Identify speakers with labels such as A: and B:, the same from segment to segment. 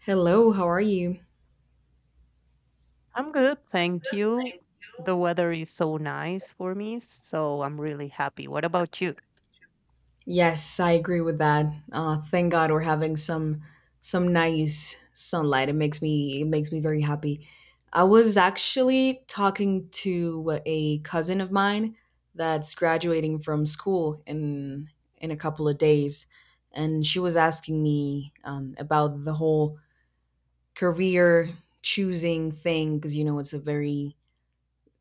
A: Hello, how are you?
B: I'm good, thank you. The weather is so nice for me, so I'm really happy. What about you?
A: Yes, I agree with that. Thank God we're having some nice sunlight. It makes me very happy. I was actually talking to a cousin of mine that's graduating from school in a couple of days, and she was asking me about the whole career choosing thing because you know it's a very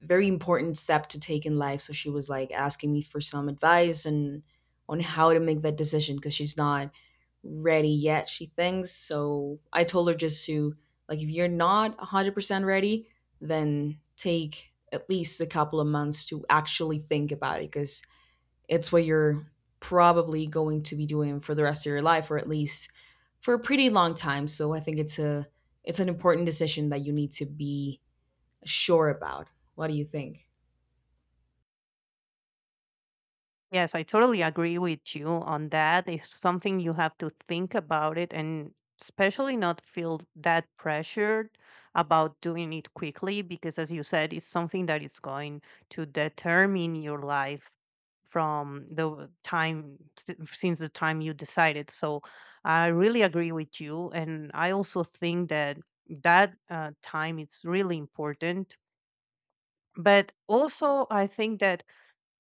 A: very important step to take in life. So she was like asking me for some advice and on how to make that decision because she's not ready yet, she thinks. So I told her just to, like, if you're not 100% ready, then take at least a couple of months to actually think about it because it's what you're probably going to be doing for the rest of your life or at least for a pretty long time. So I think it's an important decision that you need to be sure about. What do you think?
B: Yes, I totally agree with you on that. It's something you have to think about it and especially not feel that pressured about doing it quickly because as you said, it's something that is going to determine your life from the time since the time you decided. So I really agree with you and I also think that time it's really important. But also I think that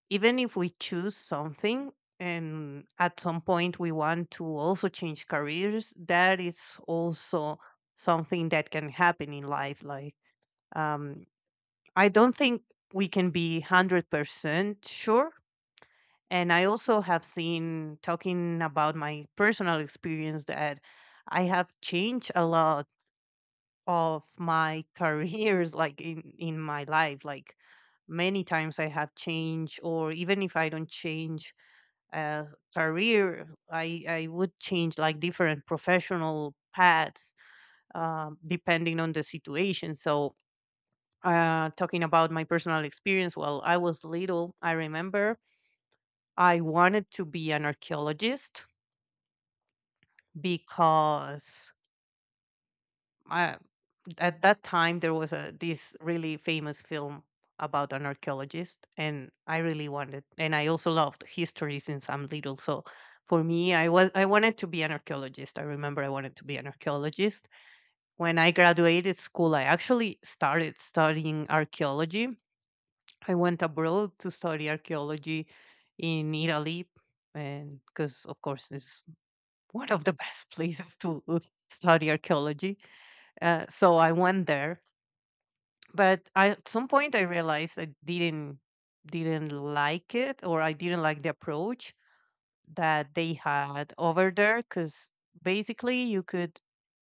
B: even if we choose something and at some point we want to also change careers that is also something that can happen in life. Like um, i don't think we can be 100% sure, and I also have seen, talking about my personal experience, that I have changed a lot of my careers like in my life. Like many times I have changed, or even if I don't change uh, career, I would change like different professional paths, depending on the situation. So talking about my personal experience, while I was little, I remember I wanted to be an archaeologist because I, at that time, there was a this really famous film about an archaeologist, and I really wanted, and I also loved history since I'm little. So for me, I wanted to be an archaeologist. I remember I wanted to be an archaeologist. When I graduated school, I actually started studying archaeology. I went abroad to study archaeology in Italy, and because of course it's one of the best places to study archaeology, so I went there. But I, at some point, I realized I didn't like it, or I didn't like the approach that they had over there, because basically you could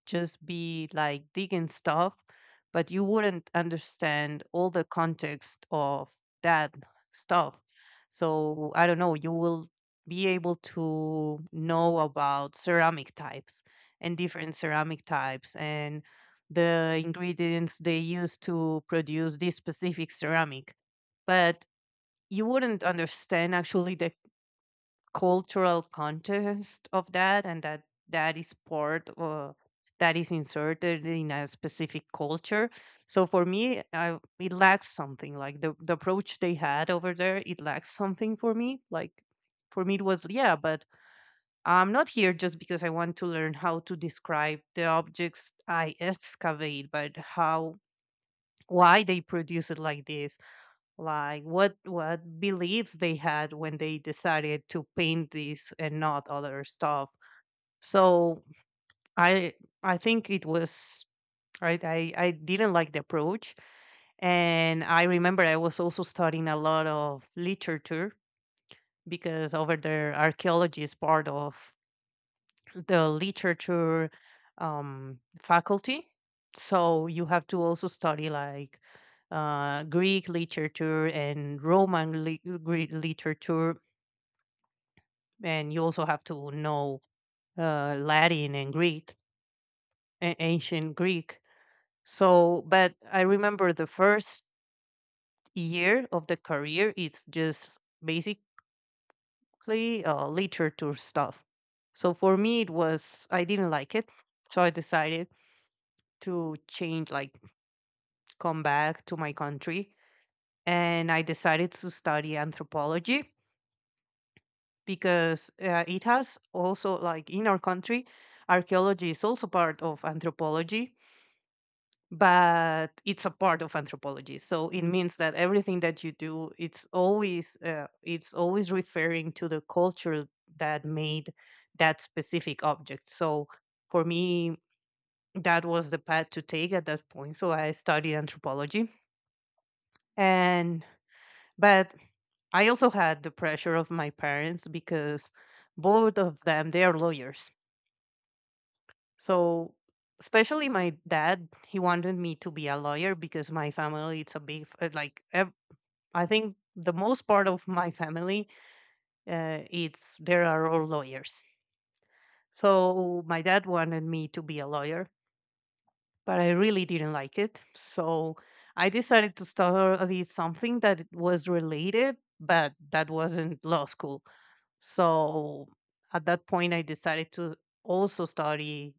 B: just be like digging stuff, but you wouldn't understand all the context of that stuff. So I don't know, you will be able to know about ceramic types, and different ceramic types, and the ingredients they use to produce this specific ceramic. But you wouldn't understand actually the cultural context of that, and that that is part, or that is inserted in a specific culture. So for me, I, it lacks something, like the approach they had over there, it lacks something for me. Like for me it was, yeah, but I'm not here just because I want to learn how to describe the objects I excavate, but how, why they produce it like this, like what beliefs they had when they decided to paint this and not other stuff. So i I think it was, I didn't like the approach. And I remember I was also studying a lot of literature, because over there archaeology is part of the literature faculty. So you have to also study like Greek literature and Greek literature, and you also have to know Latin and Greek, ancient Greek. So, but I remember the first year of the career, it's just basically literature stuff. So for me, it was, I didn't like it. So I decided to change, like, come back to my country. And I decided to study anthropology because it has also, like, in our country, archaeology is also part of anthropology, but it's a part of anthropology, so it means that everything that you do, it's always referring to the culture that made that specific object. So for me, that was the path to take at that point. So I studied anthropology. And but I also had the pressure of my parents, because both of them they are lawyers. So especially my dad, he wanted me to be a lawyer, because my family, it's a big like I think the most part of my family, it's there are all lawyers. So my dad wanted me to be a lawyer, but I really didn't like it. So I decided to study something that was related, but that wasn't law school. So at that point, I decided to also study.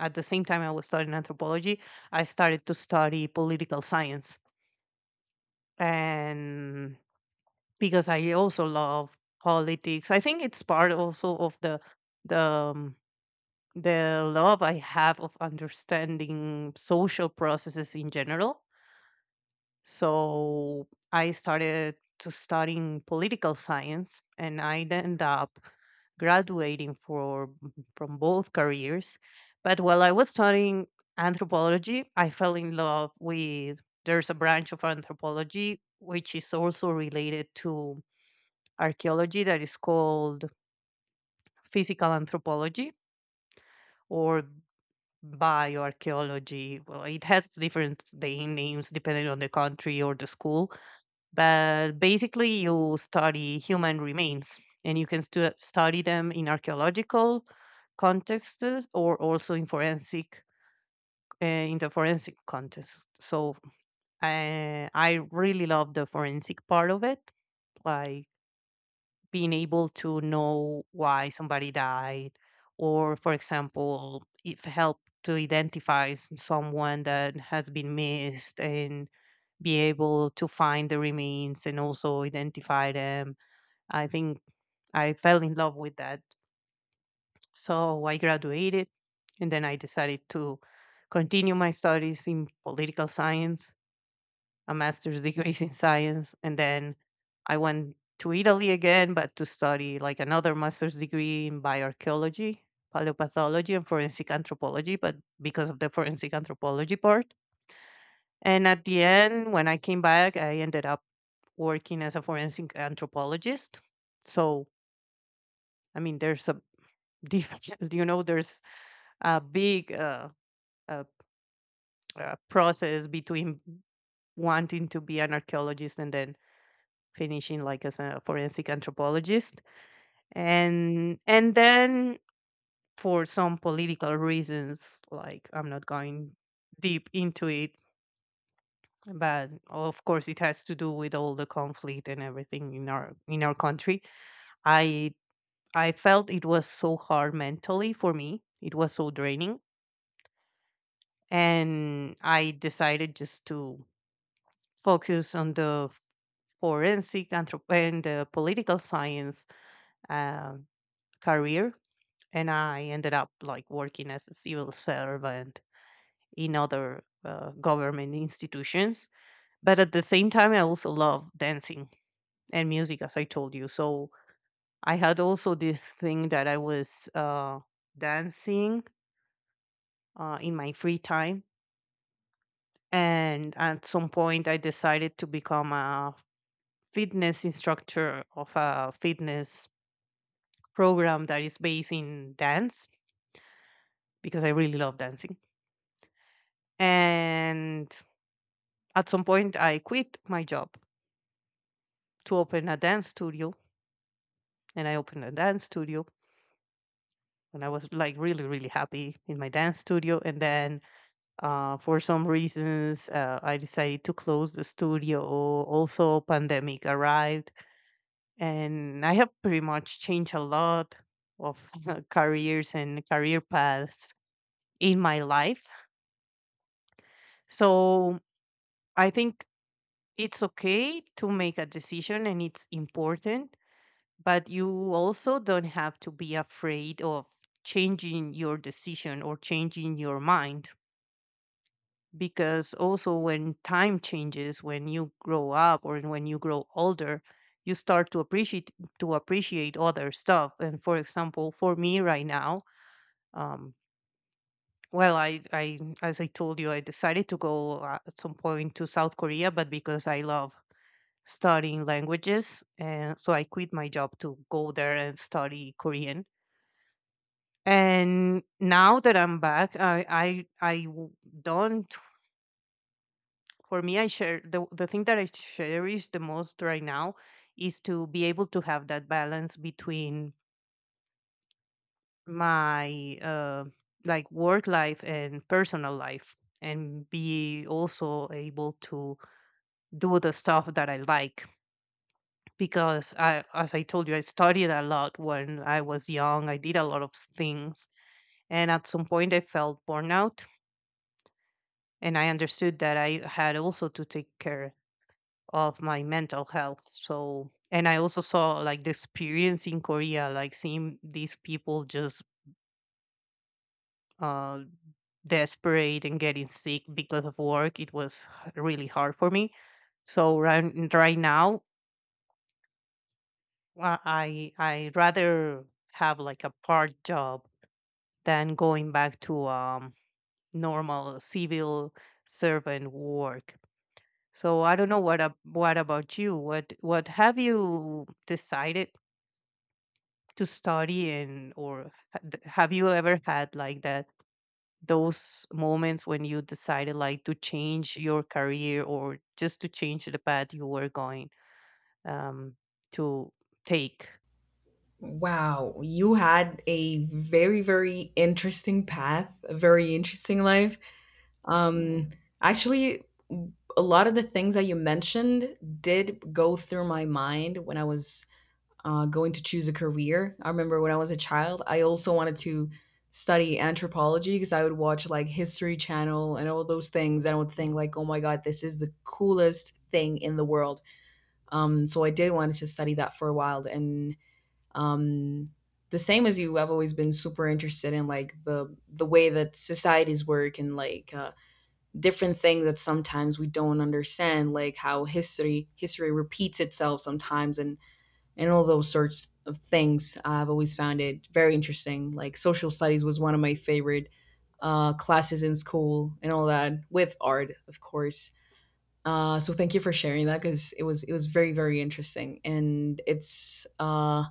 B: At the same time, I was studying anthropology. I started to study political science, and because I also love politics. I think it's part also of the um, the love I have of understanding social processes in general. So I started to studying political science, and I ended up graduating for from both careers. But while I was studying anthropology, I fell in love with there's a branch of anthropology which is also related to archaeology that is called physical anthropology, or bioarchaeology. Well, it has different day names depending on the country or the school, but basically, you study human remains, and you can study them in archaeological contexts, or also in forensic. In the forensic context, so I really love the forensic part of it. Like being able to know why somebody died, or for example, if help to identify someone that has been missed, and be able to find the remains and also identify them. I think I fell in love with that. So I graduated, and then I decided to continue my studies in political science, a master's degree in science, and then I went to Italy again, but to study like another master's degree in bioarchaeology, paleopathology, and forensic anthropology, but because of the forensic anthropology part. And at the end, when I came back, I ended up working as a forensic anthropologist. So, I mean, there's a different, you know, there's a big uh, process between wanting to be an archaeologist and then finishing like as a forensic anthropologist. And then for some political reasons, like I'm not going deep into it, but of course it has to do with all the conflict and everything in our country, i I felt it was so hard mentally, for me it was so draining, and I decided just to focus on the and the political science uh, career. And I ended up like working as a civil servant in other government institutions. But at the same time, I also love dancing and music, as I told you. So I had also this thing that I was dancing in my free time. And at some point, I decided to become a fitness instructor of a fitness program that is based in dance, because I really love dancing. And at some point, I quit my job to open a dance studio, and I opened a dance studio, and I was like really, really happy in my dance studio. And then, for some reasons, I decided to close the studio. Also, pandemic arrived, and I have pretty much changed a lot of careers and career paths in my life. So I think it's okay to make a decision, and it's important, but you also don't have to be afraid of changing your decision or changing your mind. Because also when time changes, when you grow up or when you grow older, you start to appreciate other stuff. And for example, for me right now, um well, I as I told you, I decided to go at some point to South Korea, but because I love studying languages, and so I quit my job to go there and study Korean. And now that I'm back, don't, for me, I share the thing that I cherish the most right now is to be able to have that balance between my like work life and personal life, and be also able to do the stuff that I like. Because I, as I told you, I studied a lot when I was young, I did a lot of things, and at some point I felt burnout. And I understood that I had also to take care of my mental health. So, and I also saw like the experience in Korea, like seeing these people just uh, desperate and getting sick because of work. It was really hard for me. So right now, I rather have like a part job than going back to normal civil servant work. So I don't know what about you? What have you decided to study in, or have you ever had like that, those moments when you decided like to change your career, or just to change the path you were going um, to take?
A: Wow, you had a very interesting path, a very interesting life. Um, actually, w- a lot of the things that you mentioned did go through my mind when I was going to choose a career. I remember when I was a child, I also wanted to study anthropology because I would watch like History Channel and all those things. And I would think like, oh my God, this is the coolest thing in the world. So I did want to study that for a while and um the same as you, I've always been super interested in like the way that societies work and like, different things that sometimes we don't understand, like how history repeats itself sometimes, and all those sorts of things. I've always found it very interesting. Like social studies was one of my favorite classes in school and all that, with art, of course. So thank you for sharing that, because it was very interesting, and it's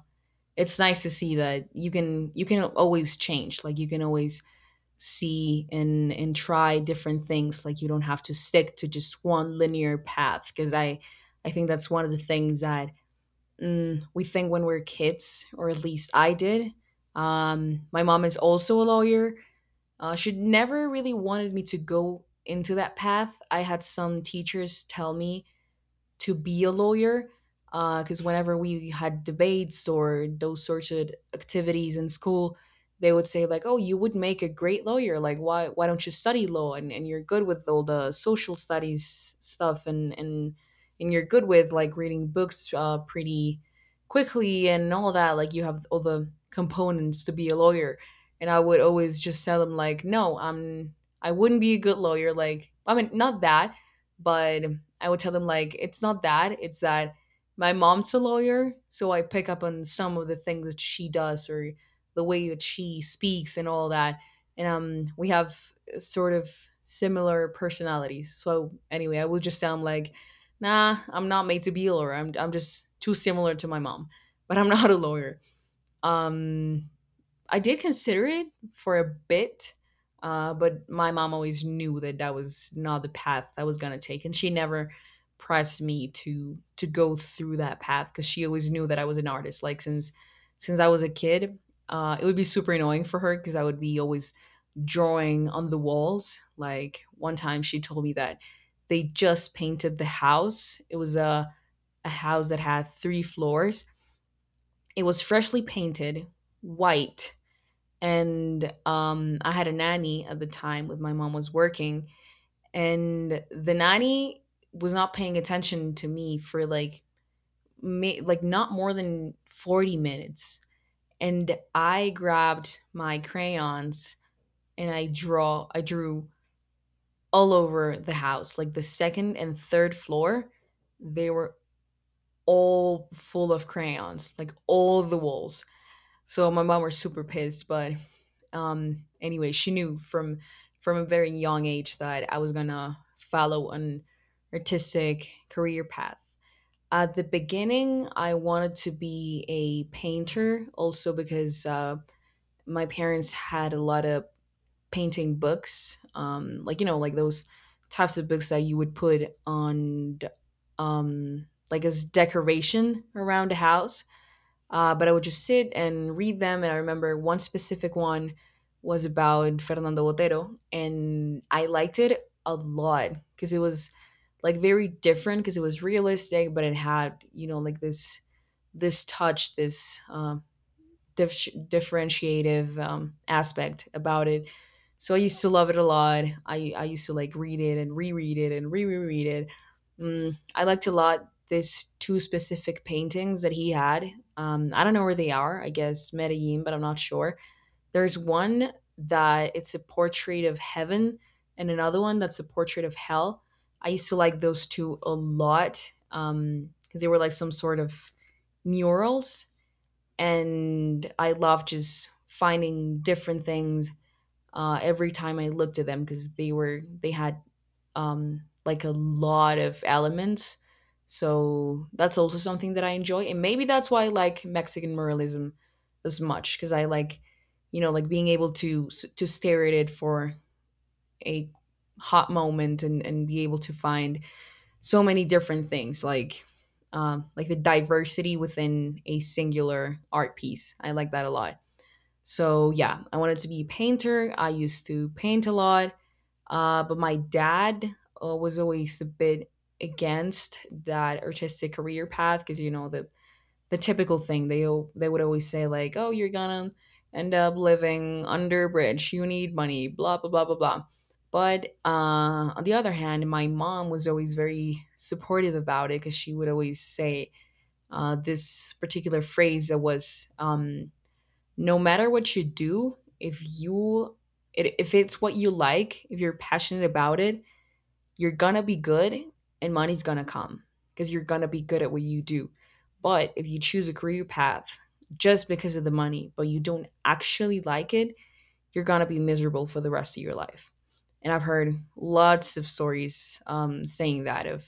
A: it's nice to see that you can always change. Like you can always see and try different things. Like you don't have to stick to just one linear path, because I think that's one of the things that we think when we're kids, or at least I did. Um, my mom is also a lawyer. She never really wanted me to go into that path. I had some teachers tell me to be a lawyer, because whenever we had debates or those sorts of activities in school, they would say like, oh, you would make a great lawyer. Like why don't you study law, and you're good with all the social studies stuff, and you're good with like reading books pretty quickly and all that. Like you have all the components to be a lawyer. And I would always just tell them like, no, I wouldn't be a good lawyer. Like I mean, not that, but I would tell them like, it's not that, it's that my mom's a lawyer, so I pick up on some of the things that she does or the way that she speaks and all that. And um, we have sort of similar personalities. So anyway, I would just sound like, nah, I'm not made to be a lawyer. I'm just too similar to my mom. But I'm not a lawyer. Um, I did consider it for a bit, but my mom always knew that that was not the path I was gonna take, and she never pressed me to go through that path, because she always knew that I was an artist. Like since I was a kid, it would be super annoying for her because I would be always drawing on the walls. Like one time, she told me that they just painted the house. It was a house that had three floors. It was freshly painted white, and I had a nanny at the time with my mom was working, and the nanny was not paying attention to me for like like not more than 40 minutes, and I grabbed my crayons and I drew all over the house, like the second and third floor, they were all full of crayons, like all the walls. So my mom was super pissed, but anyway, she knew from a very young age that I was gonna follow an artistic career path. At the beginning, I wanted to be a painter, also because my parents had a lot of painting books, like you know, like those types of books that you would put on, like as decoration around the house, but I would just sit and read them. And I remember one specific one was about Fernando Botero. And I liked it a lot because it was like very different, because it was realistic, but it had, you know, like this touch, this differentiative, aspect about it. So I used to love it a lot. I used to like read it and reread it and reread it. Mm, I liked a lot this two specific paintings that he had. I don't know where they are. I guess Medellin, but I'm not sure. There's one that it's a portrait of heaven, and another one that's a portrait of hell. I used to like those two a lot because they were like some sort of murals, and I love just finding different things every time I looked at them, because they had, like a lot of elements. So that's also something that I enjoy, and maybe that's why I like Mexican muralism as much, because I like, you know, like being able to to stare at it for a hot moment and be able to find so many different things, like, like the diversity within a singular art piece. I like that a lot. So yeah, I wanted to be a painter. I used to paint a lot. But my dad, was always a bit against that artistic career path, because you know the typical thing. They they would always say like, "Oh, you're gonna end up living under a bridge. You need money." Blah blah blah blah blah. But on the other hand, my mom was always very supportive about it, because she would always say, this particular phrase that was, "No matter what you do, if you it, if it's what you like, if you're passionate about it, you're gonna be good, and money's gonna come, because you're gonna be good at what you do. But if you choose a career path just because of the money, but you don't actually like it, you're gonna be miserable for the rest of your life. And I've heard lots of stories, saying that, of,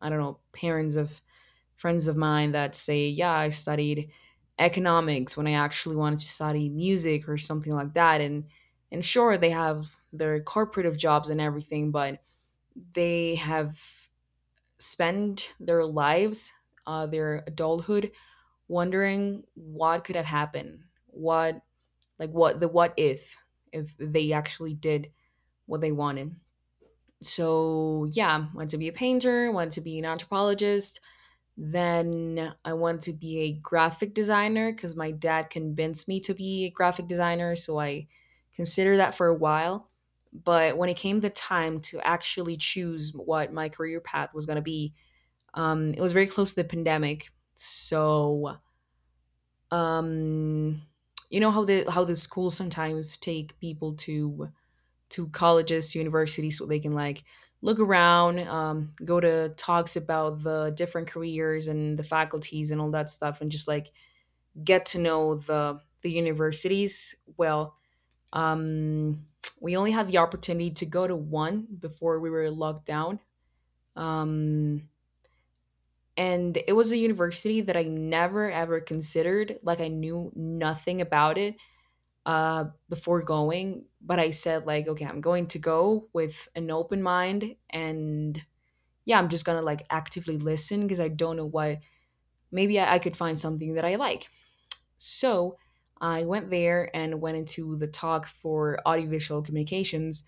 A: I don't know, parents of friends of mine that say, yeah, I studied economics when I actually wanted to study music or something like that. And sure, they have their corporative jobs and everything, but they have spent their lives, their adulthood, wondering what could have happened, what, like what the what if they actually did what they wanted. So yeah, wanted to be a painter, wanted to be an anthropologist, then I want to be a graphic designer, because my dad convinced me to be a graphic designer. So I considered that for a while. But when it came the time to actually choose what my career path was going to be, it was very close to the pandemic. So, um, you know how the schools sometimes take people to colleges, universities, so they can like look around, go to talks about the different careers and the faculties and all that stuff, and just like get to know the universities. Well, um, we only had the opportunity to go to one before we were locked down. Um, and it was a university that I never ever considered. Like I knew nothing about it before going, but I said like, okay, I'm going to go with an open mind, and yeah, I'm just gonna like actively listen because I don't know what. Maybe I could find something that I like. So I went there and went into the talk for audiovisual communications.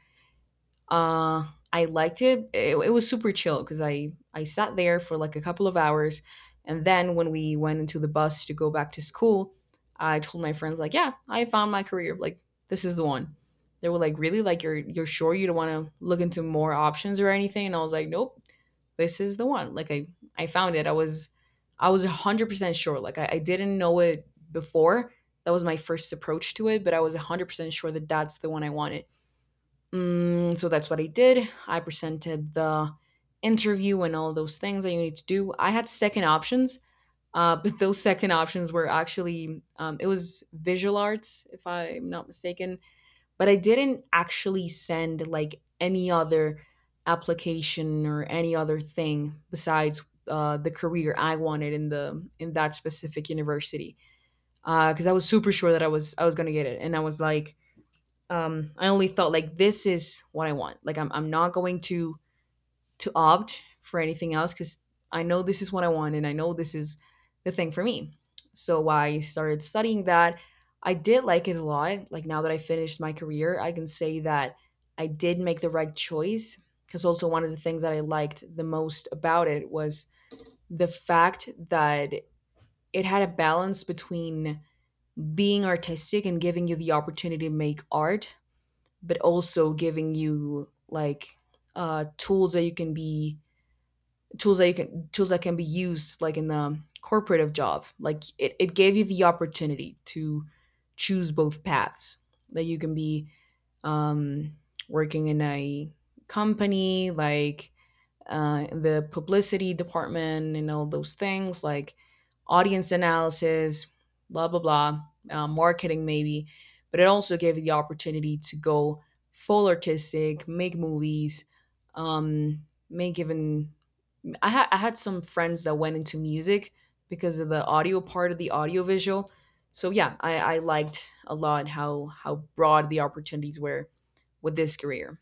A: Uh, I liked it. It was super chill because I sat there for like a couple of hours, and then when we went into the bus to go back to school, I told my friends like, yeah, I found my career. Like this is the one. They were like, really? Like you're sure you don't want to look into more options or anything? And I was like, nope, this is the one. Like I found it. I was 100% sure. Like I didn't know it before. That was my first approach to it, but I was 100% sure that that's the one I wanted. So that's what I did. I presented the interview and all those things that you need to do. I had second options, but those second options were actually it was visual arts, if I'm not mistaken. But I didn't actually send like any other application or any other thing besides the career I wanted in the in that specific university because I was super sure that I was gonna get it, and I was like, I only thought like this is what I want. Like I'm not going to opt for anything else because I know this is what I want and I know this is the thing for me. So I started studying that. I did like it a lot. Like now that I finished my career, I can say that I did make the right choice because also one of the things that I liked the most about it was the fact that it had a balance between being artistic and giving you the opportunity to make art but also giving you like uh, tools that you can be tools that can be used like in the corporative job like it gave you the opportunity to choose both paths that you can be um, working in a company like the publicity department and all those things like audience analysis, blah, blah, blah, marketing maybe. But it also gave you the opportunity to go full artistic, make movies, make even. I had some friends that went into music because of the audio part of the audiovisual. So yeah, I liked a lot how broad the opportunities were with this career.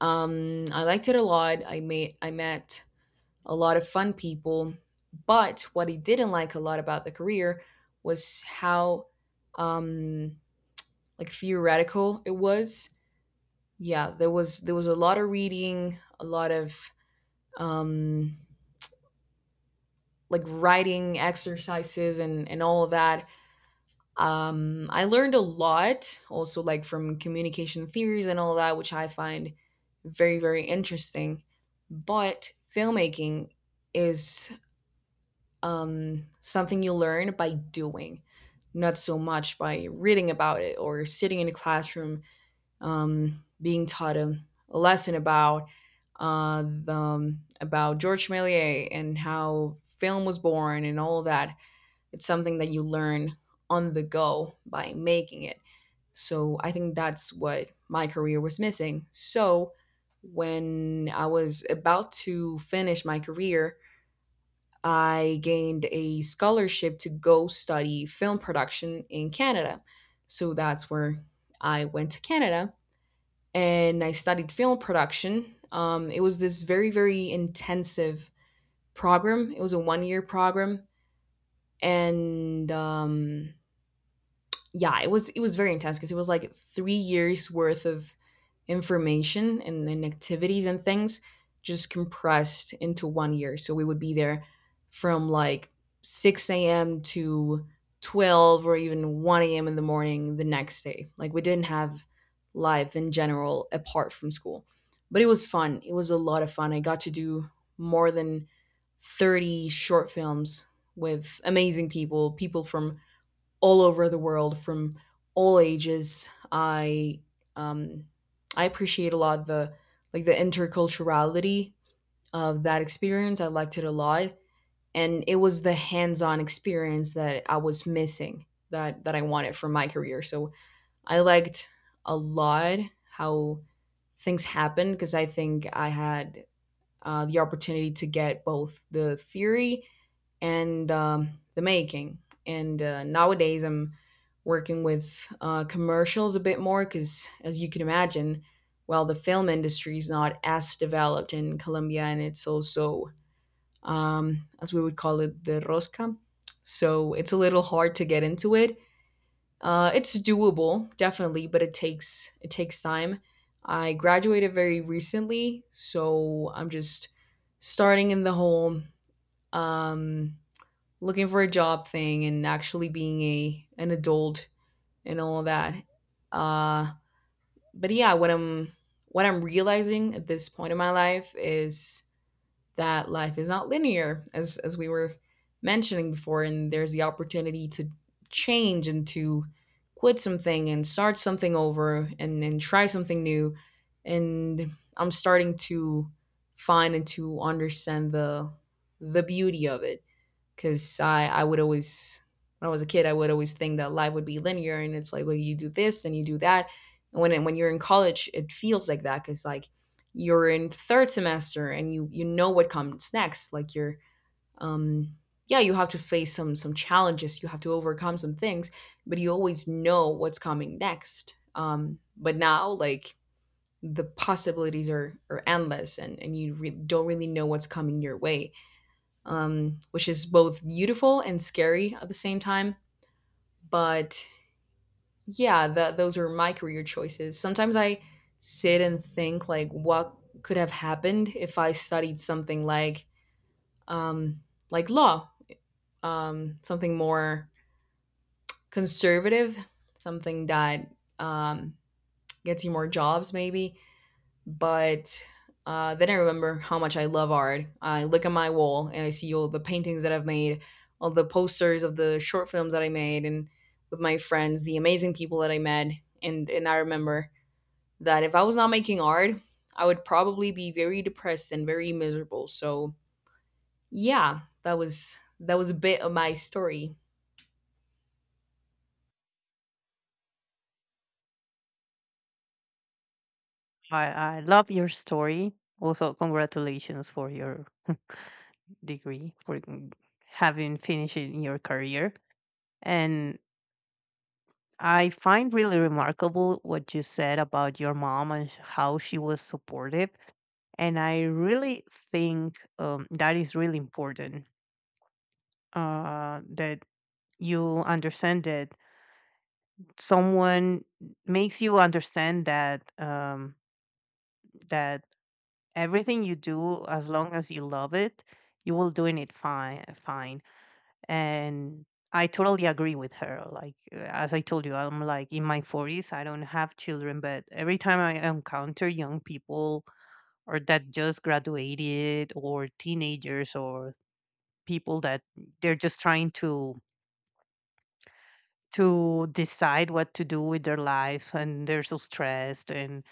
A: I liked it a lot. I met a lot of fun people. But what he didn't like a lot about the career was how um, like theoretical it was. Yeah, there was a lot of reading, a lot of um, like writing exercises and all of that. I learned a lot also like from communication theories and all that, which I find very interesting. But filmmaking is something you learn by doing, not so much by reading about it or sitting in a classroom being taught a lesson about about Georges Méliès and how film was born and all that. It's something that you learn on the go by making it. So I think that's what my career was missing. So when I was about to finish my career, I gained a scholarship to go study film production in Canada. So that's where I went to Canada and I studied film production. It was this very, very intensive program. It was a 1-year program. And Yeah, it was very intense because it was like 3 years worth of information and activities and things just compressed into 1 year. So we would be there from like 6 a.m. to 12 or even 1 a.m. in the morning the next day. Like we didn't have life in general apart from school. But it was fun. It was a lot of fun. I got to do more than 30 short films with amazing people, people from all over the world from all ages. Um, I appreciate a lot the the interculturality of that experience. I liked it a lot, and it was the hands-on experience that I was missing that I wanted for my career. So I liked a lot how things happened because I think I had the opportunity to get both the theory and the making. And nowadays, I'm working with commercials a bit more because, as you can imagine, well, the film industry is not as developed in Colombia, and it's also, as we would call it, the rosca. So it's a little hard to get into it. It's doable, definitely, but it takes time. I graduated very recently, so I'm just starting in the whole um, looking for a job thing and actually being a an adult and all that. Uh, but yeah, what I'm realizing at this point in my life is that life is not linear, as we were mentioning before, and there's the opportunity to change and to quit something and start something over and try something new. And I'm starting to find and to understand the beauty of it because I would always when I was a kid I would always think that life would be linear and it's like, well, you do this and you do that, and when you're in college it feels like that because like you're in third semester and you know what comes next. Like you're um yeah, you have to face some challenges, you have to overcome some things, but you always know what's coming next. But now, like, the possibilities are endless, and don't really know what's coming your way, which is both beautiful and scary at the same time. But yeah, that those are my career choices. Sometimes I sit and think like, what could have happened if I studied something um, like law, something more conservative, something that um, gets you more jobs, maybe. But then I remember how much I love art. I look at my wall and I see all the paintings that I've made, all the posters of the short films that I made, and with my friends, the amazing people that I met. And I remember that if I was not making art, I would probably be very depressed and very miserable. So yeah, that was a bit of my story.
B: I love your story. Also, congratulations for your degree, for mm, having finished in your career. And I find really remarkable what you said about your mom and how she was supportive. And I really think that is really important, that you understand that someone makes you understand that everything you do, as long as you love it, you will doing it fine. Fine. And I totally agree with her, like as I told you, I'm like in my 40s, I don't have children, but every time I encounter young people, or that just graduated, or teenagers, or people that they're just trying to decide what to do with their lives, and they're so stressed, and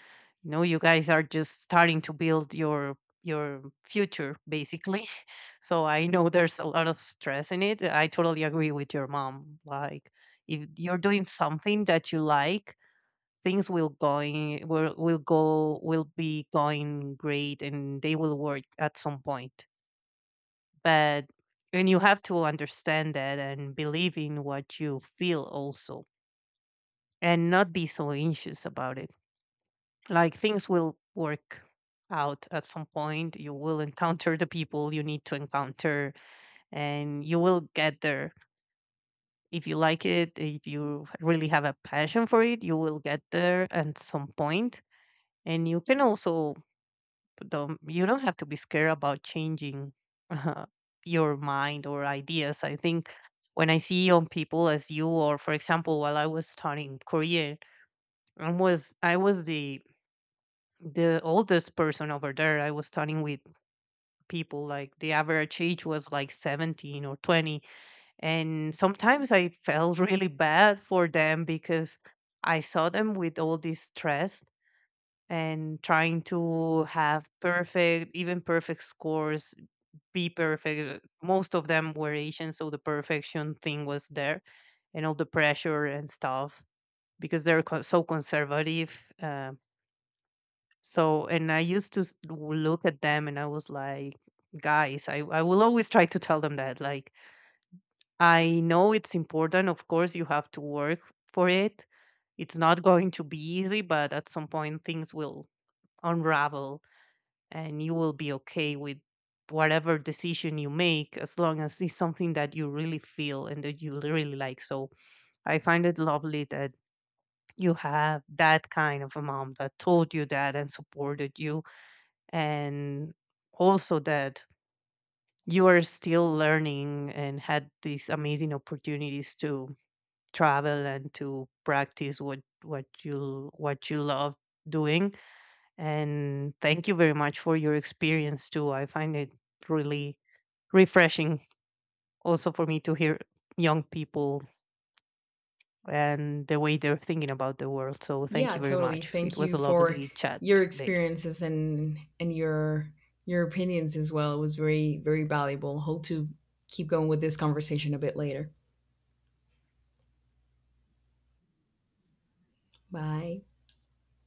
B: you know, you guys are just starting to build your future, basically. So I know there's a lot of stress in it. I totally agree with your mom. Like if you're doing something that you like, things will go will be going great, and they will work at some point. But and you have to understand that and believe in what you feel also, and not be so anxious about it. Like things will work out at some point. You will encounter the people you need to encounter, and you will get there. If you like it, if you really have a passion for it, you will get there at some point. And you can also don't, you don't have to be scared about changing uh, your mind or ideas. I think when I see young people as you, or for example while I was studying Korean, I was the oldest person over there. I was talking with people, like the average age was like 17 or 20. And sometimes I felt really bad for them because I saw them with all this stress and trying to have perfect, even perfect scores, be perfect. Most of them were Asian, so the perfection thing was there, and all the pressure and stuff, because they're so conservative. So, and I used to look at them and I was like, guys, I will always try to tell them that. Like, I know it's important. Of course, you have to work for it. It's not going to be easy, but at some point, things will unravel, and you will be okay with whatever decision you make, as long as it's something that you really feel and that you really like. So, I find it lovely that you have that kind of a mom that told you that and supported you, and also that you are still learning and had these amazing opportunities to travel and to practice what you love doing. And thank you very much for your experience too. I find it really refreshing, also for me, to hear young people and the way they're thinking about the world. So thank
A: Yeah,
B: you very
A: totally.
B: much, it
A: Thank
B: was
A: you
B: a
A: for
B: lovely chat
A: your
B: today.
A: experiences and your opinions as well. It was very valuable. Hope to keep going with this conversation a bit later. Bye.